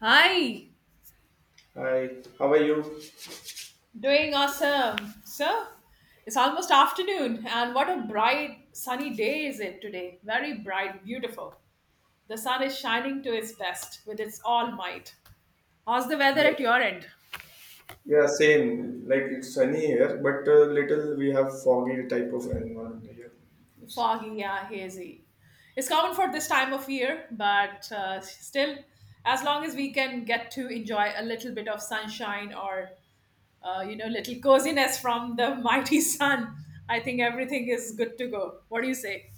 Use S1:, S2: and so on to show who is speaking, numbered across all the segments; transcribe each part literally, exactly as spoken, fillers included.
S1: Hi,
S2: Hi, how are you?
S1: doing awesome. So, it's almost afternoon, and what a bright, sunny day is it today? Very bright, beautiful. The sun is shining to its best with its all might. How's the weather
S2: Yeah,
S1: at your end?
S2: Yeah, same. Like it's sunny here, but uh, little we have foggy type of environment here.
S1: Foggy, yeah, hazy. It's common for this time of year, but uh, still, as long as we can get to enjoy a little bit of sunshine or uh, you know, little coziness from the mighty sun, I think everything is good to go. What do you say?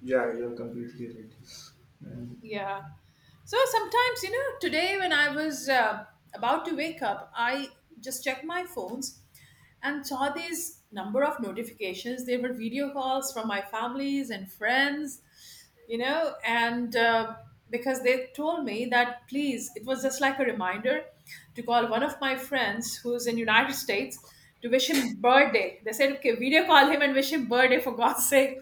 S2: Yeah, you're completely right. And
S1: Yeah. So sometimes, you know, today when I was uh, about to wake up, I just checked my phones and saw these number of notifications. They were video calls from my families and friends, you know, and uh, because they told me that please, it was just like a reminder to call one of my friends who's in United States to wish him birthday. They said, okay, video call him and wish him birthday for God's sake.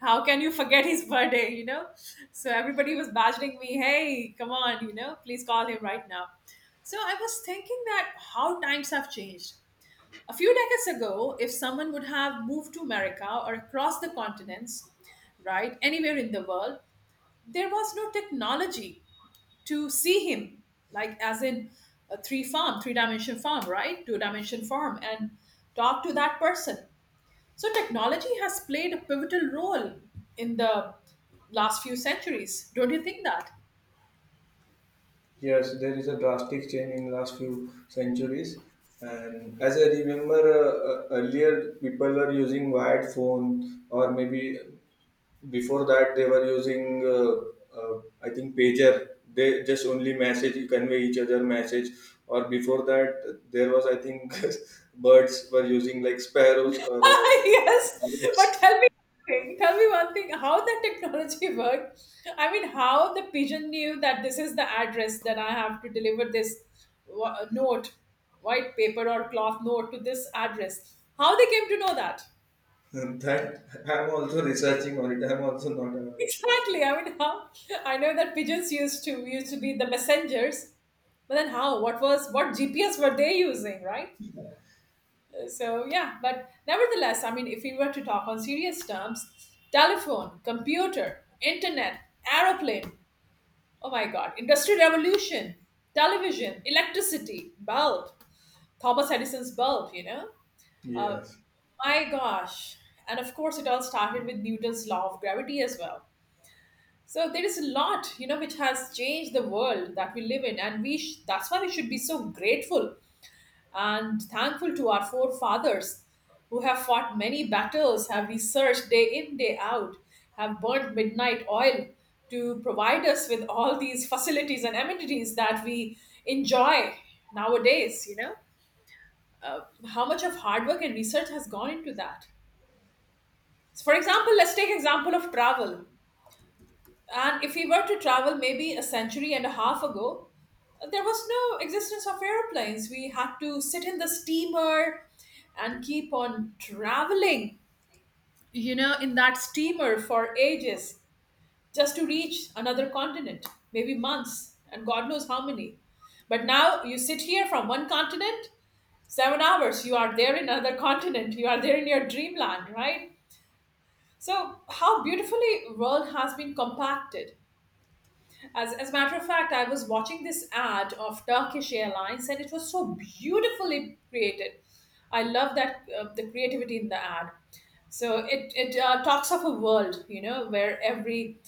S1: How can you forget his birthday, you know? So everybody was badgering me, hey, come on, you know, please call him right now. So I was thinking that how times have changed. A few decades ago, if someone would have moved to America or across the continents, right, anywhere in the world, there was no technology to see him, like as in a three farm, three dimension farm, right, two dimension farm, and talk to that person. So technology has played a pivotal role in the last few centuries. Don't you think that?
S2: yes, there is a drastic change in last few centuries. And as I remember, uh, uh, earlier people were using wired phone, or maybe before that they were using uh, uh, I think pager, they just only message, you convey each other message. Or before that there was I think birds were using like sparrows or uh,
S1: Yes, but
S2: parrots.
S1: tell me one thing. Tell me one thing. How that technology worked? I mean, how the pigeon knew that this is the address that I have to deliver this wa- note, white paper or cloth note to this address? How they came to know that?
S2: And that I'm also researching on it, I'm also not aware.
S1: Exactly. I mean, how? I know that pigeons used to used to be the messengers, but then how? What was what G P S were they using, right? So yeah, but nevertheless, I mean, if we were to talk on serious terms, telephone, computer, internet, aeroplane, oh my god, industrial revolution, television, electricity bulb, Thomas Edison's bulb, you know, uh,
S2: Yes,
S1: my gosh, and of course it all started with Newton's law of gravity as well. So there is a lot, you know, which has changed the world that we live in, and we sh- that's why we should be so grateful and thankful to our forefathers who have fought many battles, have researched day in, day out, have burnt midnight oil to provide us with all these facilities and amenities that we enjoy nowadays, you know. Uh, how much of hard work and research has gone into that? So for example, let's take example of travel. And if we were to travel maybe a century and a half ago, there was no existence of airplanes. We had to sit in the steamer and keep on traveling, you know, in that steamer for ages just to reach another continent, maybe months, and God knows how many. But now you sit here from one continent, seven hours, you are there in another continent, you are there in your dreamland, right? So, how beautifully world has been compacted as, as a matter of fact, I was watching this ad of Turkish Airlines and it was so beautifully created. I love that uh, the creativity in the ad. So it, it uh, talks of a world, you know, where every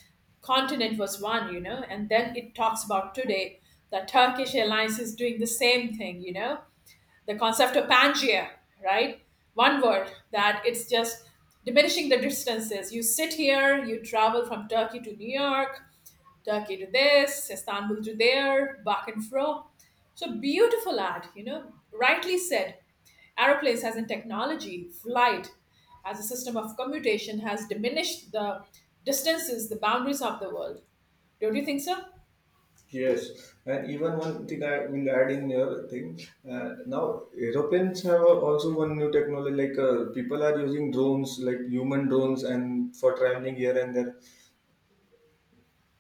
S1: continent was one, you know, and then it talks about today that Turkish Airlines is doing the same thing, you know, the concept of Pangaea, right? One word that it's just diminishing the distances. You sit here, you travel from Turkey to New York, Turkey to this, Istanbul to there, back and fro. So beautiful ad, you know, rightly said. Aeroplanes as in technology, flight as a system of commutation has diminished the distances, the boundaries of the world. Don't you think so?
S2: yes, and even one thing I will add in your thing. Uh, now, Europeans have also one new technology. Like uh, people are using drones, like human drones, and for traveling here and there.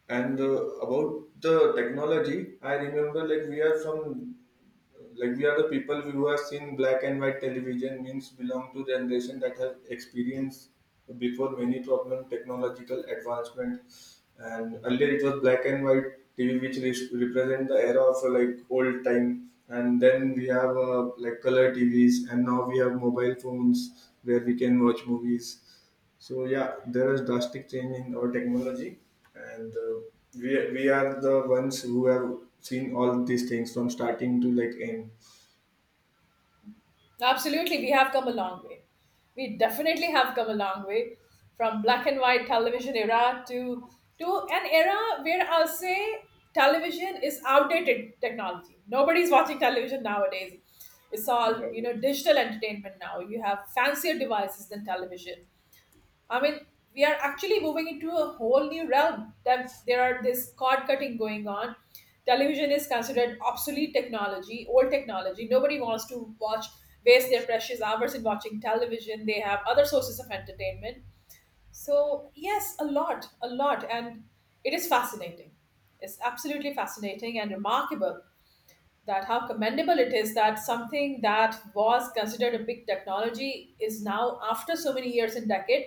S2: And uh, about the technology, I remember like we are from like we are the people who have seen black and white television, means belong to generation that have experienced before many problem technological advancement. And earlier it was black and white T V which re- represent the era of uh, like old time. And then we have uh, like color T Vs, and now we have mobile phones where we can watch movies. So yeah, there is drastic change in our technology, and uh, we we are the ones who have seen all these things from starting to like end.
S1: Absolutely, we have come a long way. We definitely have come a long way from black and white television era to to an era where I'll say television is outdated technology. Nobody's watching television nowadays. It's all, you know, digital entertainment now. You have fancier devices than television. I mean, we are actually moving into a whole new realm that there are this cord cutting going on. Television is considered obsolete technology, old technology. Nobody wants to watch, waste their precious hours in watching television. They have other sources of entertainment. So, yes, a lot, a lot. And it is fascinating. It's absolutely fascinating and remarkable that how commendable it is that something that was considered a big technology is now after so many years and decade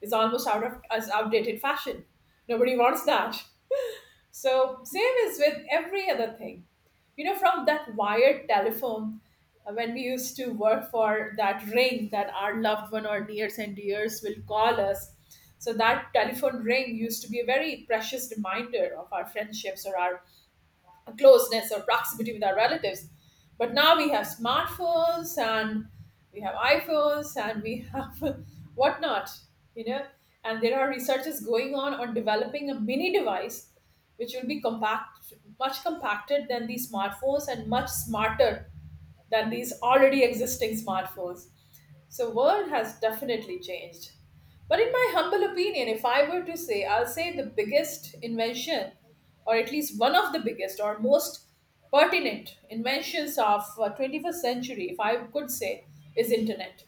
S1: is almost out of as outdated fashion. Nobody wants that. So same is with every other thing, you know, from that wired telephone, uh, when we used to work for that ring that our loved one or nears and dears will call us. So that telephone ring used to be a very precious reminder of our friendships or our a closeness or proximity with our relatives. But now we have smartphones and we have iPhones and we have whatnot, you know. And there are researches going on on developing a mini device which will be compact, much compacted than these smartphones and much smarter than these already existing smartphones. So world has definitely changed. But in my humble opinion, if I were to say, I'll say the biggest invention, or at least one of the biggest or most pertinent inventions of uh, twenty-first century, if I could say, is internet.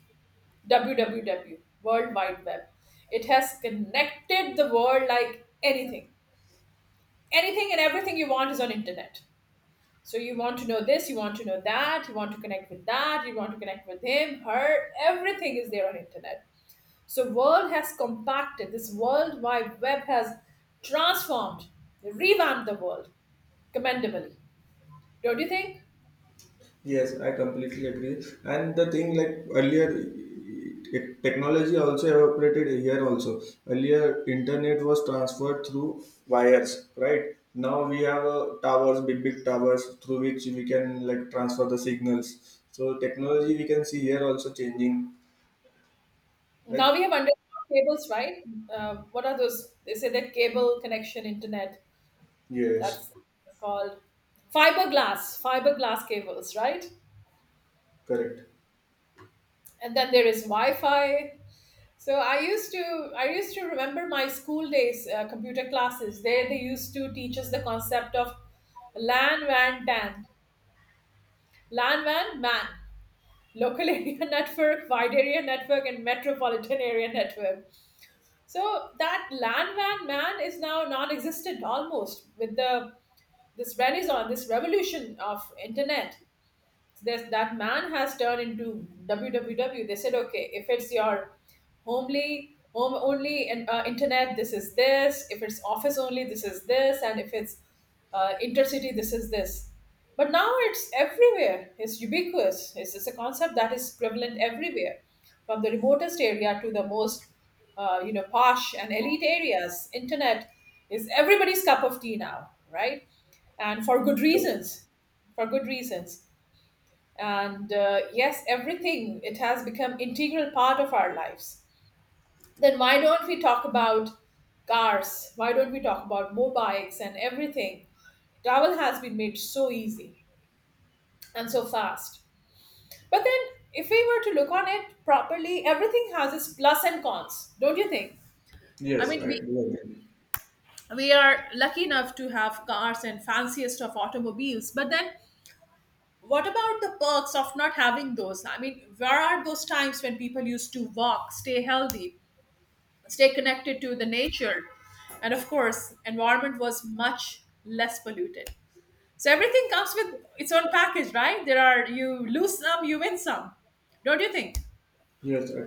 S1: W W W, World Wide Web. It has connected the world like anything. Anything and everything you want is on internet. So you want to know this, you want to know that, you want to connect with that, you want to connect with him, her, everything is there on internet. So world has compacted, this world wide web has transformed, revamped the world commendably. Don't you think?
S2: Yes, I completely agree. And the thing like earlier, eh, technology also evaporated here also. Earlier, internet was transferred through wires, right? Now we have uh, towers, big big towers through which we can like transfer the signals. So technology we can see here also changing,
S1: Now
S2: right?
S1: we have underground cables, right? Uh, what are those? They say that cable connection internet.
S2: Yes.
S1: That's called fiberglass, fiberglass cables, right?
S2: Correct.
S1: And then there is Wi-Fi. So I used to I used to remember my school days, uh, computer classes. There they used to teach us the concept of LAN, W A N, T A N. Landman, man. Local area network, wide area network, and metropolitan area network. So that landman, man is now non-existent almost with the this renaissance, this revolution of internet, this that man has turned into www. They said okay, if it's your homely home only, and uh, internet, this is this, if it's office only, this is this, and if it's uh, intercity, this is this, but now it's everywhere, it's ubiquitous, it's, it's a concept that is prevalent everywhere, from the remotest area to the most uh, you know, posh and elite areas. Internet is everybody's cup of tea now, right? And for good
S2: Correct.
S1: reasons, for good reasons. And uh, yes, everything, it has become integral part of our lives. Then why don't we talk about cars, why don't we talk about mobiles and everything? Travel has been made so easy and so fast, but then if we were to look on it properly, everything has its plus and cons, don't you think? I
S2: Yes,
S1: mean,
S2: I
S1: we
S2: do agree.
S1: we are lucky enough to have cars and fanciest of automobiles, but then what about the perks of not having those? I mean, where are those times when people used to walk, stay healthy, stay connected to the nature? And of course, environment was much less polluted. So everything comes with its own package, right? There are, you lose some, you win some. Don't you think?
S2: Yes, I,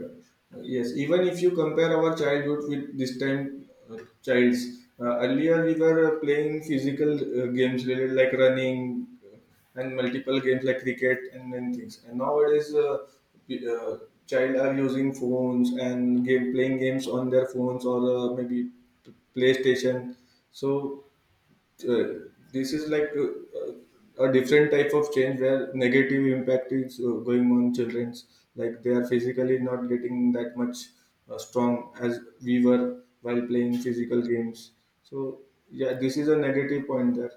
S2: yes. Even if you compare our childhood with this time, uh, child's uh, earlier we were uh, playing physical uh, games related like running uh, and multiple games like cricket and then things. And nowadays, uh, p- uh, child are using phones and game playing games on their phones or uh, maybe PlayStation. So uh, this is like uh, uh, a different type of change where negative impact is uh, going on children's, like they are physically not getting that much uh, strong as we were while playing physical games. So yeah, this is a negative point there.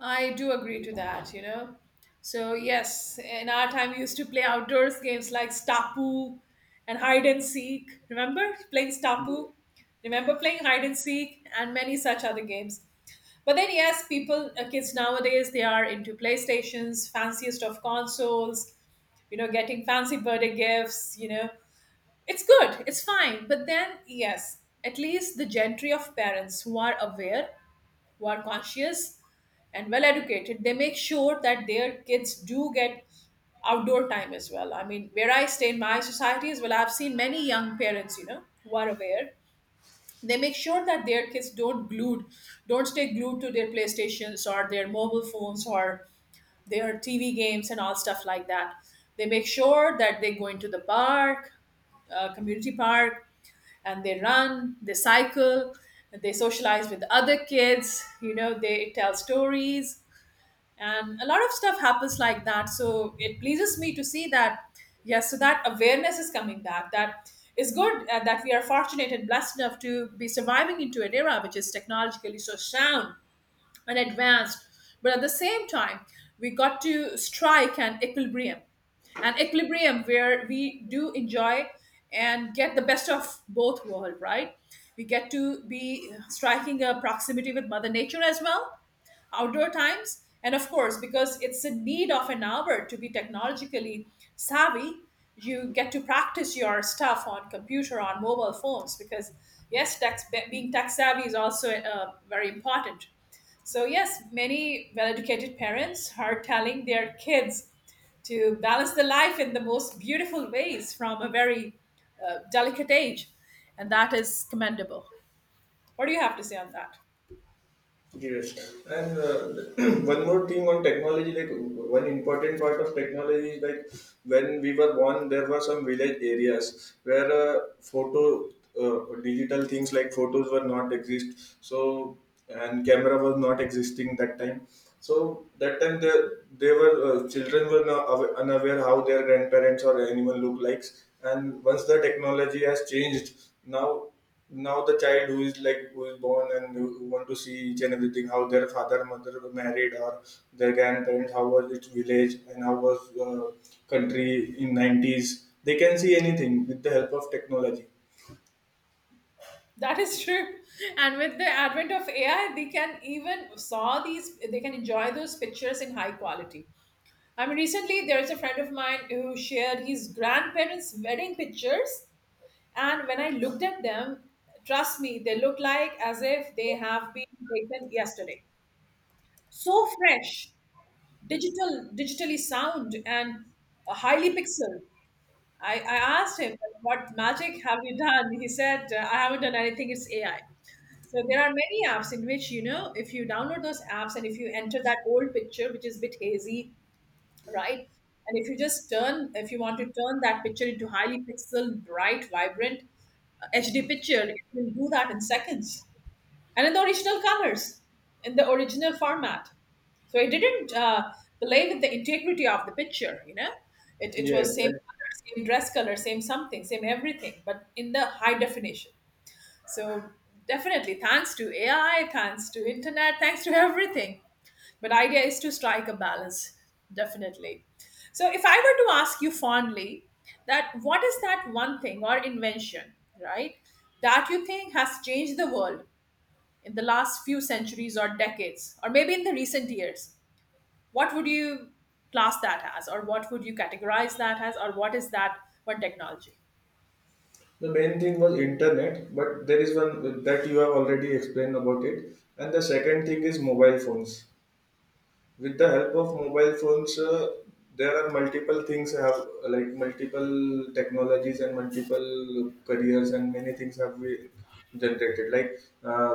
S1: I do agree to that, you know. So, yes, in our time, we used to play outdoors games like Stapu and hide and seek. Remember playing Stapu? Remember playing hide and seek and many such other games. But then, yes, people, uh, kids nowadays, they are into PlayStations, fanciest of consoles, you know, getting fancy birthday gifts, you know. It's good, it's fine. But then, yes, at least the gentry of parents who are aware, who are conscious and well educated, they make sure that their kids do get outdoor time as well. I mean, where I stay in my society as well, I've seen many young parents, you know, who are aware, they make sure that their kids don't glued don't stay glued to their playstations or their mobile phones or their tv games and all stuff like that. They make sure that they go into the park, uh, community park, and they run, they cycle, they socialize with other kids, you know, they tell stories, and a lot of stuff happens like that. So it pleases me to see that, yes, so that awareness is coming back. That is good, uh, that we are fortunate and blessed enough to be surviving into an era which is technologically so sound and advanced, but at the same time we got to strike an equilibrium, an equilibrium where we do enjoy and get the best of both world, right? We get to be striking a proximity with mother nature as well, outdoor times, and of course because it's a need of an hour to be technologically savvy. You get to practice your stuff on computer, on mobile phones, because yes tax, being tech savvy is also uh, very important. So yes, many well-educated parents are telling their kids to balance the life in the most beautiful ways from a very uh, delicate age, and that is commendable. What do you have to say on that?
S2: Yes, and uh, one more thing on technology, like one important part of technology is like when we were born, there were some village areas where uh, photo, uh, digital things like photos were not exist. So and camera was not existing that time. So that time they, they were uh, children were not awa- unaware how their grandparents or anyone look likes. And once the technology has changed, now now the child who is like who is born and who who want to see each and everything, how their father mother were married, or their grandparents how was its village and how was uh, country in nineties, they can see anything with the help of technology.
S1: That is true. And with the advent of A I, they can even saw these, they can enjoy those pictures in high quality. I mean, recently there is a friend of mine who shared his grandparents' wedding pictures, and when I looked at them, trust me, they look like as if they have been taken yesterday. So fresh, digital, digitally sound, and highly pixel. I, I asked him, what magic have you done? He said, "Uh, I haven't done anything, it's A I. So there are many apps in which, you know, if you download those apps and if you enter that old picture, which is a bit hazy, right? And if you just turn, if you want to turn that picture into highly pixel, bright, vibrant uh, H D picture, it will do that in seconds and in the original colors, in the original format. So I didn't uh, play with the integrity of the picture. You know, it it was
S2: Yes,
S1: same
S2: and
S1: color, same dress color, same something, same everything, but in the high definition. So definitely, thanks to A I, thanks to internet, thanks to everything. But idea is to strike a balance, definitely. So if I were to ask you fondly that what is that one thing or invention, right, that you think has changed the world in the last few centuries or decades, or maybe in the recent years? What would you class that as, or what would you categorize that as, or what is that one technology?
S2: the main thing was internet, but there is one that you have already explained about it, and the second thing is mobile phones. With the help of mobile phones uh, there are multiple things have, like multiple technologies and multiple careers and many things have been generated, like uh,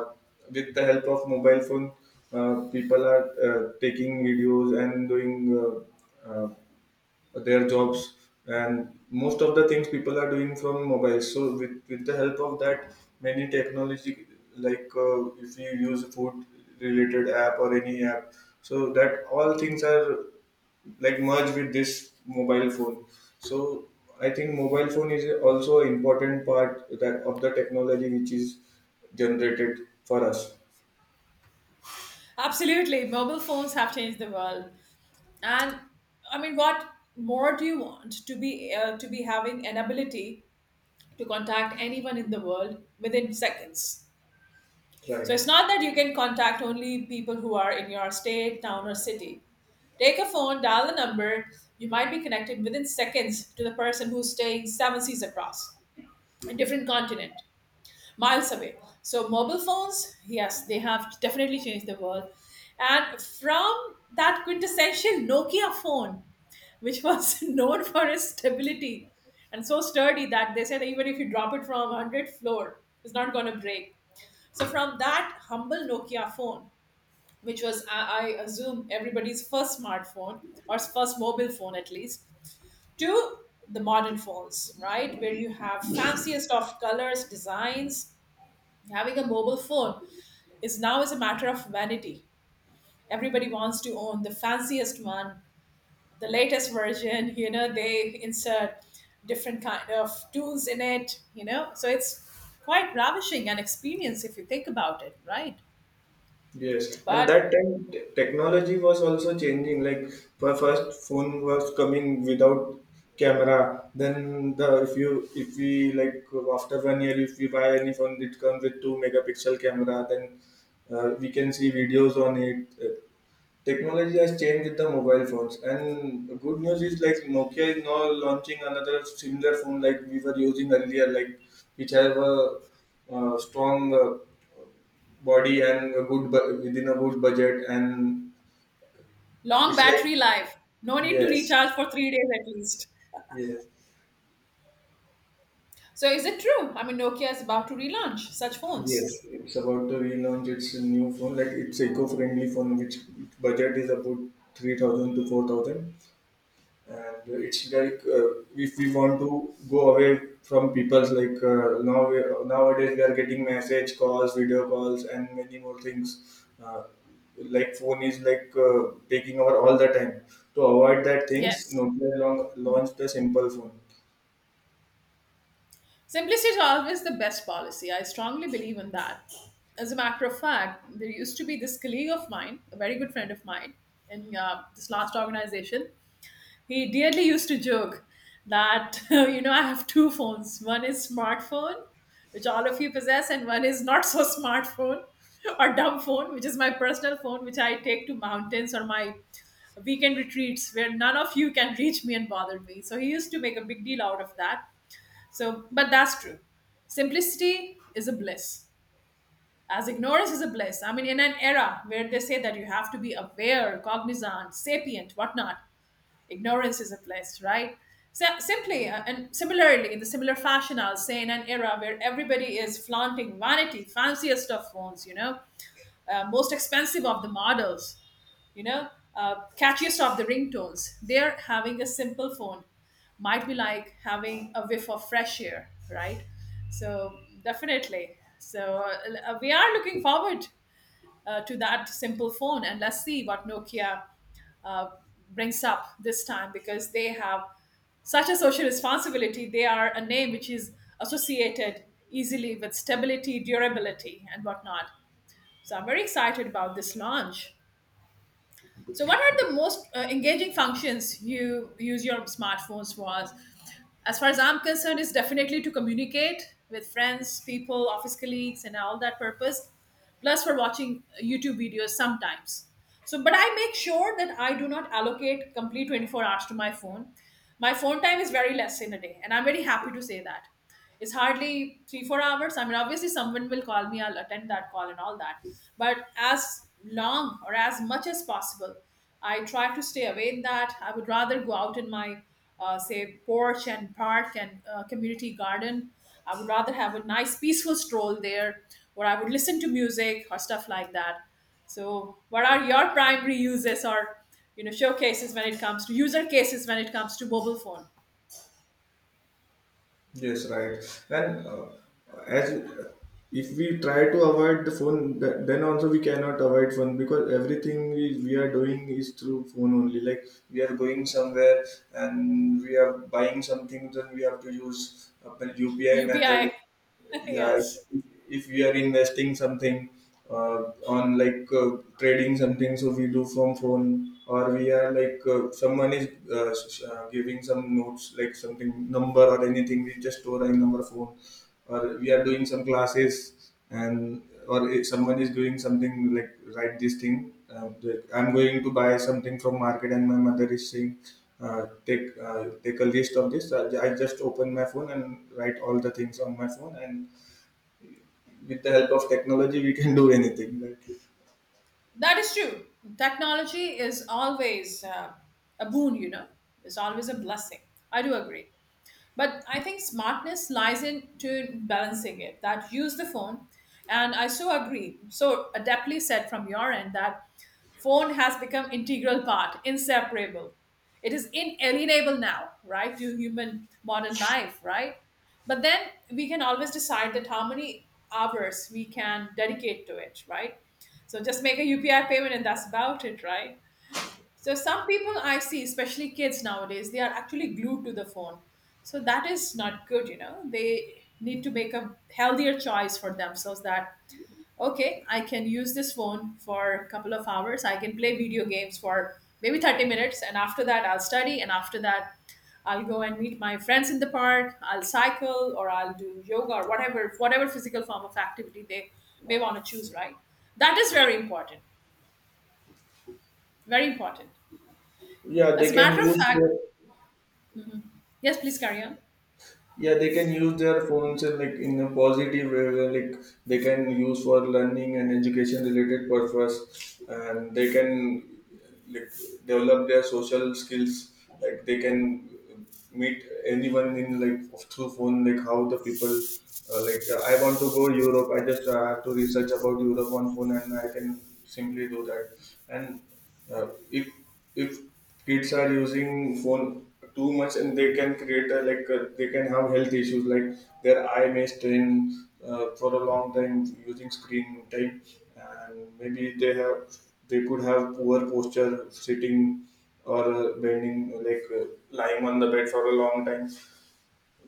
S2: with the help of mobile phone uh, people are uh, taking videos and doing uh, uh, their jobs, and most of the things people are doing from mobile. So with, with the help of that many technology, like uh, if you use food related app or any app, so that all things are like merged with this mobile phone. So I think mobile phone is also an important part that of the technology which is generated for us,
S1: Absolutely, mobile phones have changed the world, and I mean, what more do you want to be uh, to be having an ability to contact anyone in the world within seconds? So
S2: right?
S1: it's not that you can contact only people who are in your state, town, or city. Take a phone, dial a number, you might be connected within seconds to the person who's staying seven seas across, a different continent miles away. So mobile phones, yes, they have definitely changed the world. And from that quintessential Nokia phone, which was known for its stability and so sturdy that they said even if you drop it from hundredth floor, it's not going to break. So from that humble Nokia phone, which was I, I assume everybody's first smartphone or first mobile phone at least, to the modern phones, right, where you have fanciest of colors, designs, having a mobile phone is now is a matter of vanity. Everybody wants to own the fanciest one, the latest version. You know, they insert different kind of tools in it. You know, so it's quite ravishing an experience if you think about it, right?
S2: Yes,
S1: But
S2: and that time t- technology was also changing. Like for first phone was coming without camera. Then the if you if we like after one year if we buy any phone it comes with two megapixel camera. Then uh, we can see videos on it. Uh, Technology has changed with the mobile phones, and the good news is like Nokia is now launching another similar phone like we were using earlier, like which have a uh, strong uh, body and a good bu- within a good budget, and
S1: long
S2: it's like
S1: battery life, no need to
S2: yes,
S1: recharge for three days at least.
S2: yes,
S1: So is it true? I mean, Nokia is about to relaunch such
S2: yes,
S1: phones.
S2: it's about to relaunch its new phone, like it's eco-friendly phone which budget is about three thousand to four thousand, and it's like uh, if we want to go away from people's, like uh, now we, nowadays we are getting message calls, video calls, and many more things uh, like phone is like uh, taking over all the time. To avoid that things
S1: Yes.
S2: Nokia long launched the simple phone.
S1: Simplicity is always the best policy. I strongly believe in that. As a matter of fact, there used to be this colleague of mine, a very good friend of mine, in uh, this last organization. He dearly used to joke that, you know, I have two phones. One is smartphone, which all of you possess, and one is not so smartphone or dumb phone, which is my personal phone, which I take to mountains or my weekend retreats where none of you can reach me and bother me. So he used to make a big deal out of that. So, but that's true. Simplicity is a bliss, as ignorance is a bliss. I mean, in an era where they say that you have to be aware, cognizant, sapient, whatnot, ignorance is a bliss, right? So, simply uh, and similarly, in the similar fashion, I'll say in an era where everybody is flaunting vanity, fanciest of phones, you know, uh, most expensive of the models, you know, uh, catchiest of the ringtones. They're having a simple phone, might be like having a whiff of fresh air, right? So, definitely. So, uh, we are looking forward uh, to that simple phone, and let's see what Nokia uh, brings up this time because they have such a social responsibility. They are a name which is associated easily with stability, durability, and whatnot. So I'm very excited about this launch. So what are the most uh, engaging functions you use your smartphones for? As far as I'm concerned, is definitely to communicate with friends, people, office colleagues, and all that purpose. Plus, for watching uh, YouTube videos sometimes. So, but I make sure that I do not allocate complete twenty-four hours to my phone. My phone time is very less in a day, and I'm very happy to say that. It's hardly three, four hours. I mean, obviously, someone will call me, I'll attend that call and all that. But as long or as much as possible, I try to stay away in that. I would rather go out in my, uh, say, porch and park and uh, community garden. I would rather have a nice, peaceful stroll there, or I would listen to music or stuff like that. So, what are your primary uses or you know showcases when it comes to user cases when it comes to mobile phone?
S2: Yes, right. And uh, as if we try to avoid the phone, th- then also we cannot avoid phone because everything we, we are doing is through phone only. Like we are going somewhere and we are buying something, then we have to use uh, the U P I
S1: U P I,
S2: method. Yeah, if,
S1: yes.
S2: if if we are investing something uh, on like uh, trading something, so we do from phone. Or we are like uh, someone is uh, s- uh, giving some notes, like something, number or anything, we just store in our phone. Or we are doing some classes, and or if someone is doing something like, write this thing. Um, like, I'm going to buy something from market and my mother is saying uh, take uh, take a list of this. So I, I just open my phone and write all the things on my phone, and with the help of technology we can do anything, right?
S1: That is true. Technology is always uh, a boon, you know, it's always a blessing. I do agree. But I think smartness lies in to balancing it that use the phone. And I so agree. So adeptly said from your end that phone has become integral part inseparable, it is inalienable now, right, to human modern life, right? But then we can always decide that how many hours we can dedicate to it, right? So just make a upi payment and that's about it, right? So some people I see, especially kids nowadays, they are actually glued to the phone. So that is not good, you know. They need to make a healthier choice for themselves that okay, I can use this phone for a couple of hours. I can play video games for maybe thirty minutes. And after that, I'll study. And after that, I'll go and meet my friends in the park. I'll cycle or I'll do yoga or whatever, whatever physical form of activity they may want to choose, right? That is very important. Very important.
S2: yeah
S1: As
S2: they
S1: a
S2: can
S1: matter of
S2: use
S1: fact,
S2: their-
S1: yes, please carry on.
S2: yeah, they can use their phones in like in a positive way, where, like they can use for learning and education related purpose, and they can like develop their social skills, like they can meet anyone in like through phone, like how the people uh, like I want to go europe, I just uh, have to research about europe on phone and I can simply do that. And uh, if if kids are using phone too much, and they can create a, like uh they can have health issues, like their eye may strain uh, for a long time using screen time, and maybe they have they could have poor posture, sitting or uh, bending, like uh, lying on the bed for a long time.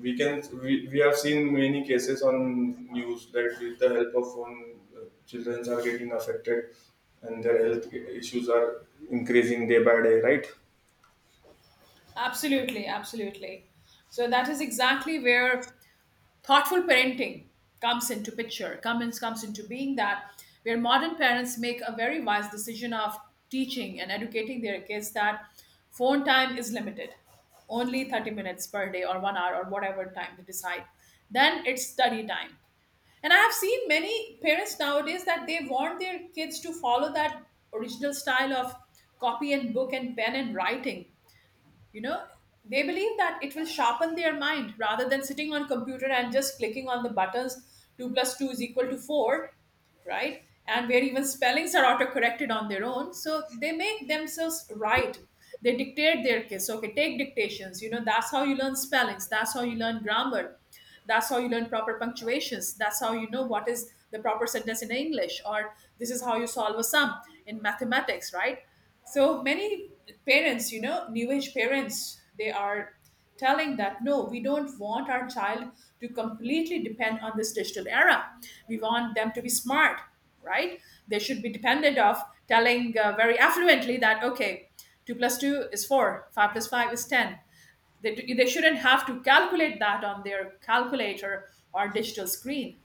S2: We can we, we have seen many cases on news that with the help of phone uh, children are getting affected and their health issues are increasing day by day, right?
S1: Absolutely, absolutely. So that is exactly where thoughtful parenting comes into picture, comes comes into being that where modern parents make a very wise decision of teaching and educating their kids that phone time is limited, only thirty minutes per day or one hour or whatever time they decide, then it's study time. And I have seen many parents nowadays that they want their kids to follow that original style of copy and book and pen and writing, you know. They believe that it will sharpen their mind rather than sitting on computer and just clicking on the buttons, two plus two is equal to four, right? And where even spellings are autocorrected on their own. So they make themselves right. They dictate their kids. Okay, take dictations. You know, that's how you learn spellings. That's how you learn grammar. That's how you learn proper punctuations. That's how you know what is the proper sentence in English, or this is how you solve a sum in mathematics, right? So many parents, you know, new age parents, they are telling that no, we don't want our child to completely depend on this digital era. We want them to be smart, right? They should be dependent of telling uh, very affluently that okay, two plus two is four, five plus five is ten. They, do- they shouldn't have to calculate that on their calculator or digital screen.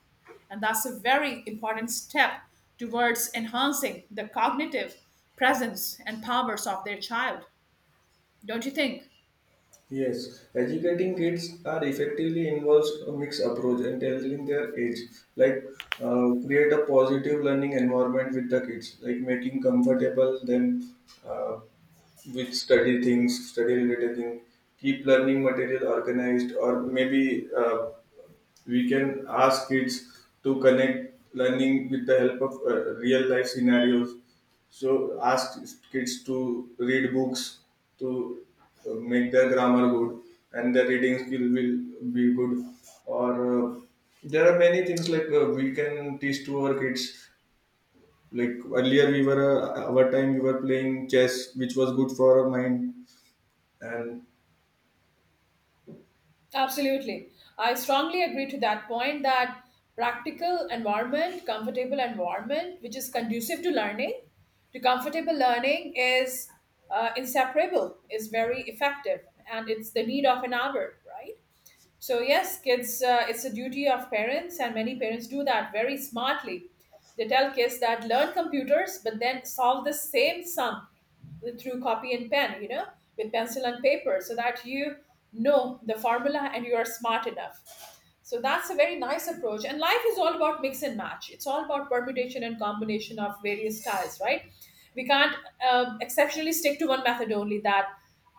S1: And that's a very important step towards enhancing the cognitive presence and powers of their child. Don't you think?
S2: Yes, educating kids are effectively involves a mixed approach and telling their age, like uh, create a positive learning environment with the kids, like making comfortable them uh, with study things, study related things, keep learning material organized, or maybe uh, we can ask kids to connect learning with the help of uh, real life scenarios. So ask kids to read books, to uh, make their grammar good and their reading skill will be good. Or uh, there are many things like uh, we can teach to our kids, like earlier we were uh, our time we were playing chess, which was good for our mind, and
S1: Absolutely. I strongly agree to that point that practical environment, comfortable environment, which is conducive to learning, to comfortable learning is uh, inseparable, is very effective, and it's the need of an hour, right? So yes, kids, uh, it's a duty of parents, and many parents do that very smartly. They tell kids that learn computers, but then solve the same sum through copy and pen, you know, with pencil and paper, so that you know the formula and you are smart enough. So that's a very nice approach. And life is all about mix and match. It's all about permutation and combination of various styles, right? We can't um, exceptionally stick to one method only. That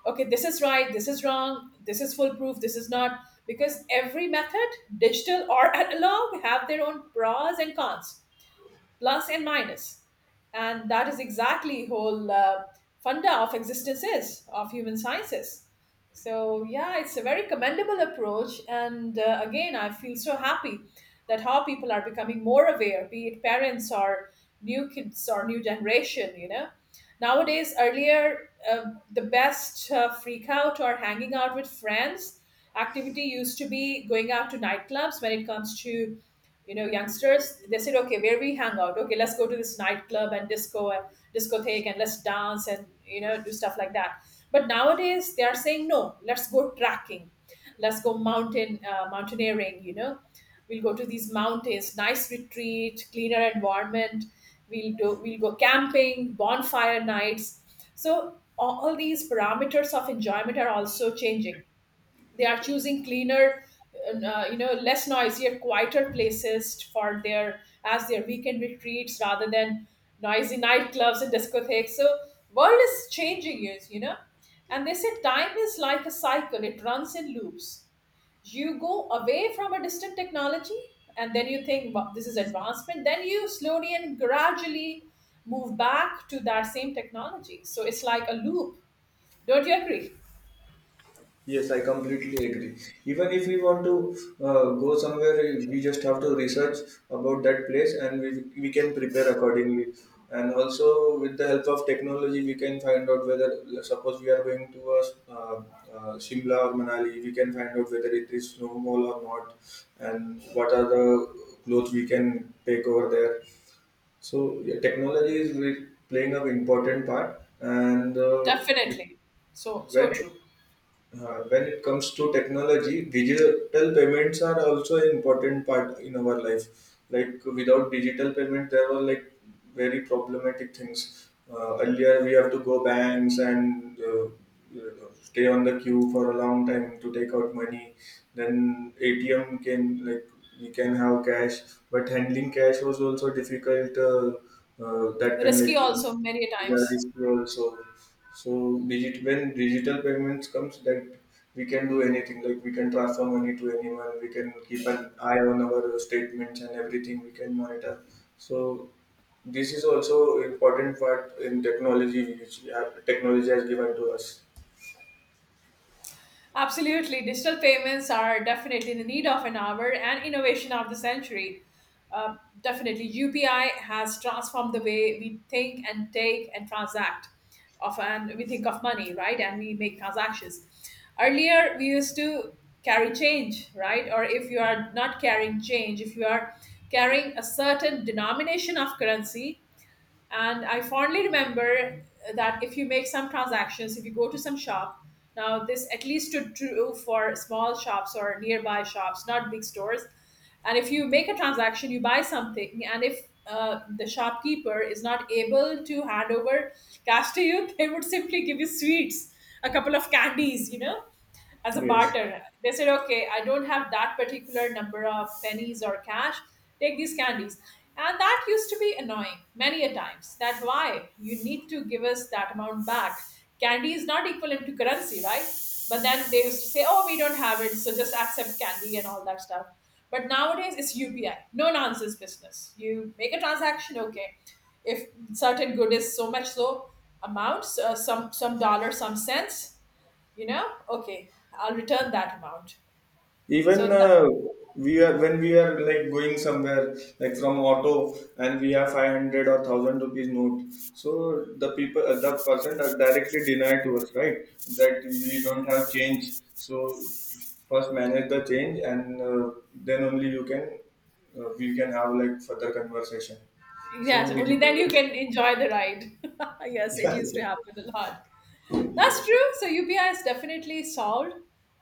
S1: okay, this is right, this is wrong, this is foolproof, this is not, because every method, digital or analog, have their own pros and cons, plus and minus. And that is exactly whole uh, funda of existence is of human sciences. So yeah, it's a very commendable approach. And uh, again, I feel so happy that how people are becoming more aware, be it parents or new kids or new generation, you know. Nowadays, earlier, uh, the best uh, freak out or hanging out with friends activity used to be going out to nightclubs. When it comes to, you know, youngsters, they said, okay, where we hang out? Okay, let's go to this nightclub and disco and discotheque and let's dance and, you know, do stuff like that. But nowadays they are saying, no, let's go trekking, let's go mountain uh, mountaineering, you know. We'll go to these mountains, nice retreat, cleaner environment. We'll do, we'll go camping, bonfire nights. So all all these parameters of enjoyment are also changing. They are choosing cleaner, uh, you know, less noisier, quieter places for their, as their weekend retreats, rather than noisy nightclubs and discotheques. So world is changing, is, you know. And they say time is like a cycle, it runs in loops. You go away from a distant technology and then you think, wow, this is advancement. Then you slowly and gradually move back to that same technology. So it's like a loop. Don't you agree?
S2: Yes, I completely agree. Even if we want to uh, go somewhere, we just have to research about that place, and we, we can prepare accordingly. And also, with the help of technology, we can find out whether, suppose we are going to a, uh, uh, Shimla or Manali, we can find out whether it is snowfall or not, and what are the clothes we can take over there. So, yeah, technology is re- playing an important part, and uh, with-
S1: Definitely. so
S2: when
S1: so
S2: it
S1: true.
S2: uh, when it comes to technology, digital payments are also an important part in our life. Like without digital payment, there were like very problematic things. Uh, earlier, we have to go banks and uh, stay on the queue for a long time to take out money. Then A T M came, like we can have cash, but handling cash was also difficult uh, uh, that time.
S1: Risky
S2: Like
S1: also, many
S2: we are
S1: times.
S2: risky also. So digit when digital payments comes, that we can do anything. Like we can transfer money to anyone. We can keep an eye on our statements and everything. We can monitor. So this is also important part in technology which uh, technology has given to us.
S1: Absolutely, digital payments are definitely in the need of an hour and innovation of the century. Uh, definitely, UPI has transformed the way we think and take and transact of, and we think of money, right? And we make transactions. Earlier, we used to carry change, right? Or if you are not carrying change, if you are carrying a certain denomination of currency. And I fondly remember that if you make some transactions, if you go to some shop, now this at least stood true for small shops or nearby shops, not big stores. And if you make a transaction, you buy something, and if uh, the shopkeeper is not able to hand over cash to you, they would simply give you sweets, a couple of candies, you know, as a
S2: Yes.
S1: barter. They said, okay, I don't have that particular number of pennies or cash. Take these candies. And that used to be annoying many a times. That why you need to give us that amount back. Candy is not equivalent to currency, right? But then they used to say, oh, we don't have it, so just accept candy and all that stuff. But nowadays it's U P I, no nonsense business. You make a transaction, okay. If certain good is so much, so amount, uh, some some dollar, some cents, you know, okay, I'll return that amount.
S2: Even
S1: So that,
S2: uh, we are when we are like going somewhere, like from auto and we have five hundred or one thousand rupees note, so the people uh, the person are directly denied to us, right, that we don't have change. So first manage the change, and uh, then only you can uh, we can have like further conversation. So
S1: yes, only then
S2: digital
S1: you can enjoy the ride. Yes, it used to happen a lot. That's
S2: yes.
S1: true. So UPI is definitely solved.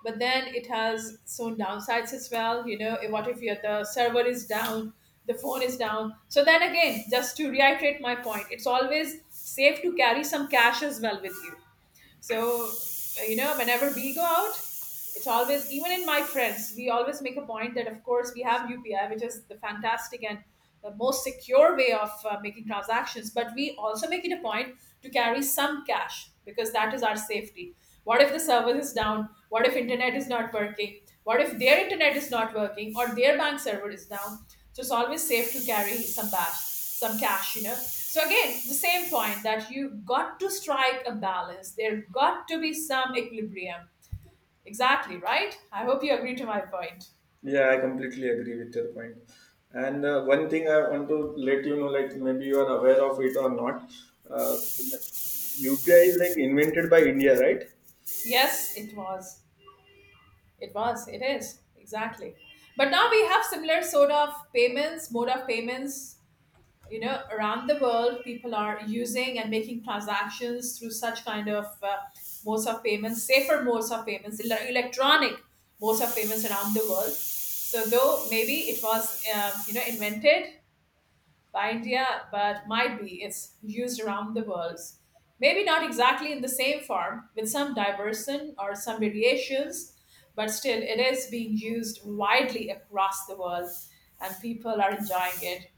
S1: But then it has its own downsides as well, you know. What if your, the server is down, the phone is down? So then again, just to reiterate my point, it's always safe to carry some cash as well with you. So, you know, whenever we go out, it's always, even in my friends, we always make a point that, of course, we have U P I, which is the fantastic and the most secure way of uh, making transactions. But we also make it a point to carry some cash because that is our safety. What if the server is down? What if internet is not working? What if their internet is not working or their bank server is down? So it's always safe to carry some cash, some cash, you know. So again, the same point, that you got to strike a balance. There got to be some equilibrium. Exactly, right? I hope you agree to my point.
S2: Yeah, I completely agree with your point. And uh, one thing I want to let you know, like maybe you are aware of it or not, uh, U P I is like invented by India, right?
S1: Yes, it was. It was. It is. Exactly. But now we have similar sort of payments, mode of payments, you know, around the world. People are using and making transactions through such kind of uh, modes of payments, safer modes of payments, ele- electronic modes of payments around the world. So though maybe it was, um, you know, invented by India, but might be it's used around the world. Maybe not exactly in the same form, with some diversion or some variations, but still it is being used widely across the world and people are enjoying it.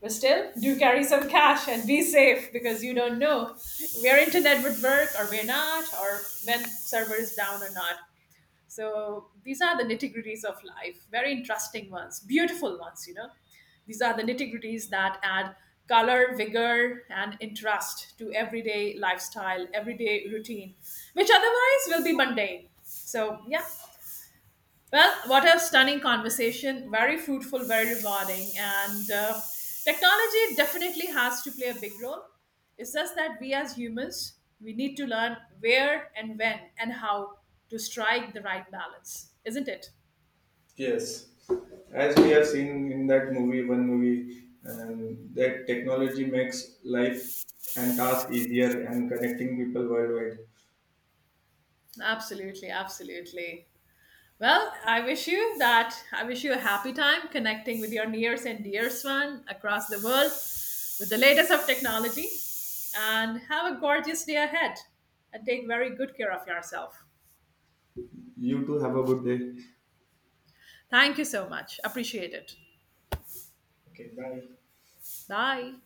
S1: But still, do carry some cash and be safe, because you don't know where internet would work or where not, or when server is down or not. So these are the nitty gritties of life, very interesting ones, beautiful ones, you know. These are the nitty gritties that add color, vigor, and interest to everyday lifestyle, everyday routine, which otherwise will be mundane. So, yeah, well, what a stunning conversation. Very fruitful, very rewarding. And uh, technology definitely has to play a big role. It's just that we as humans, we need to learn where and when and how to strike the right balance, isn't it?
S2: Yes. As we have seen in that movie, one movie, and that technology makes life and task easier and connecting people worldwide.
S1: Absolutely, absolutely. Well, I wish you that. I wish you a happy time connecting with your nears and dears one across the world with the latest of technology. And have a gorgeous day ahead and take very good care of yourself.
S2: You too have a good day.
S1: Thank you so much. Appreciate it.
S2: Okay, bye.
S1: Bye.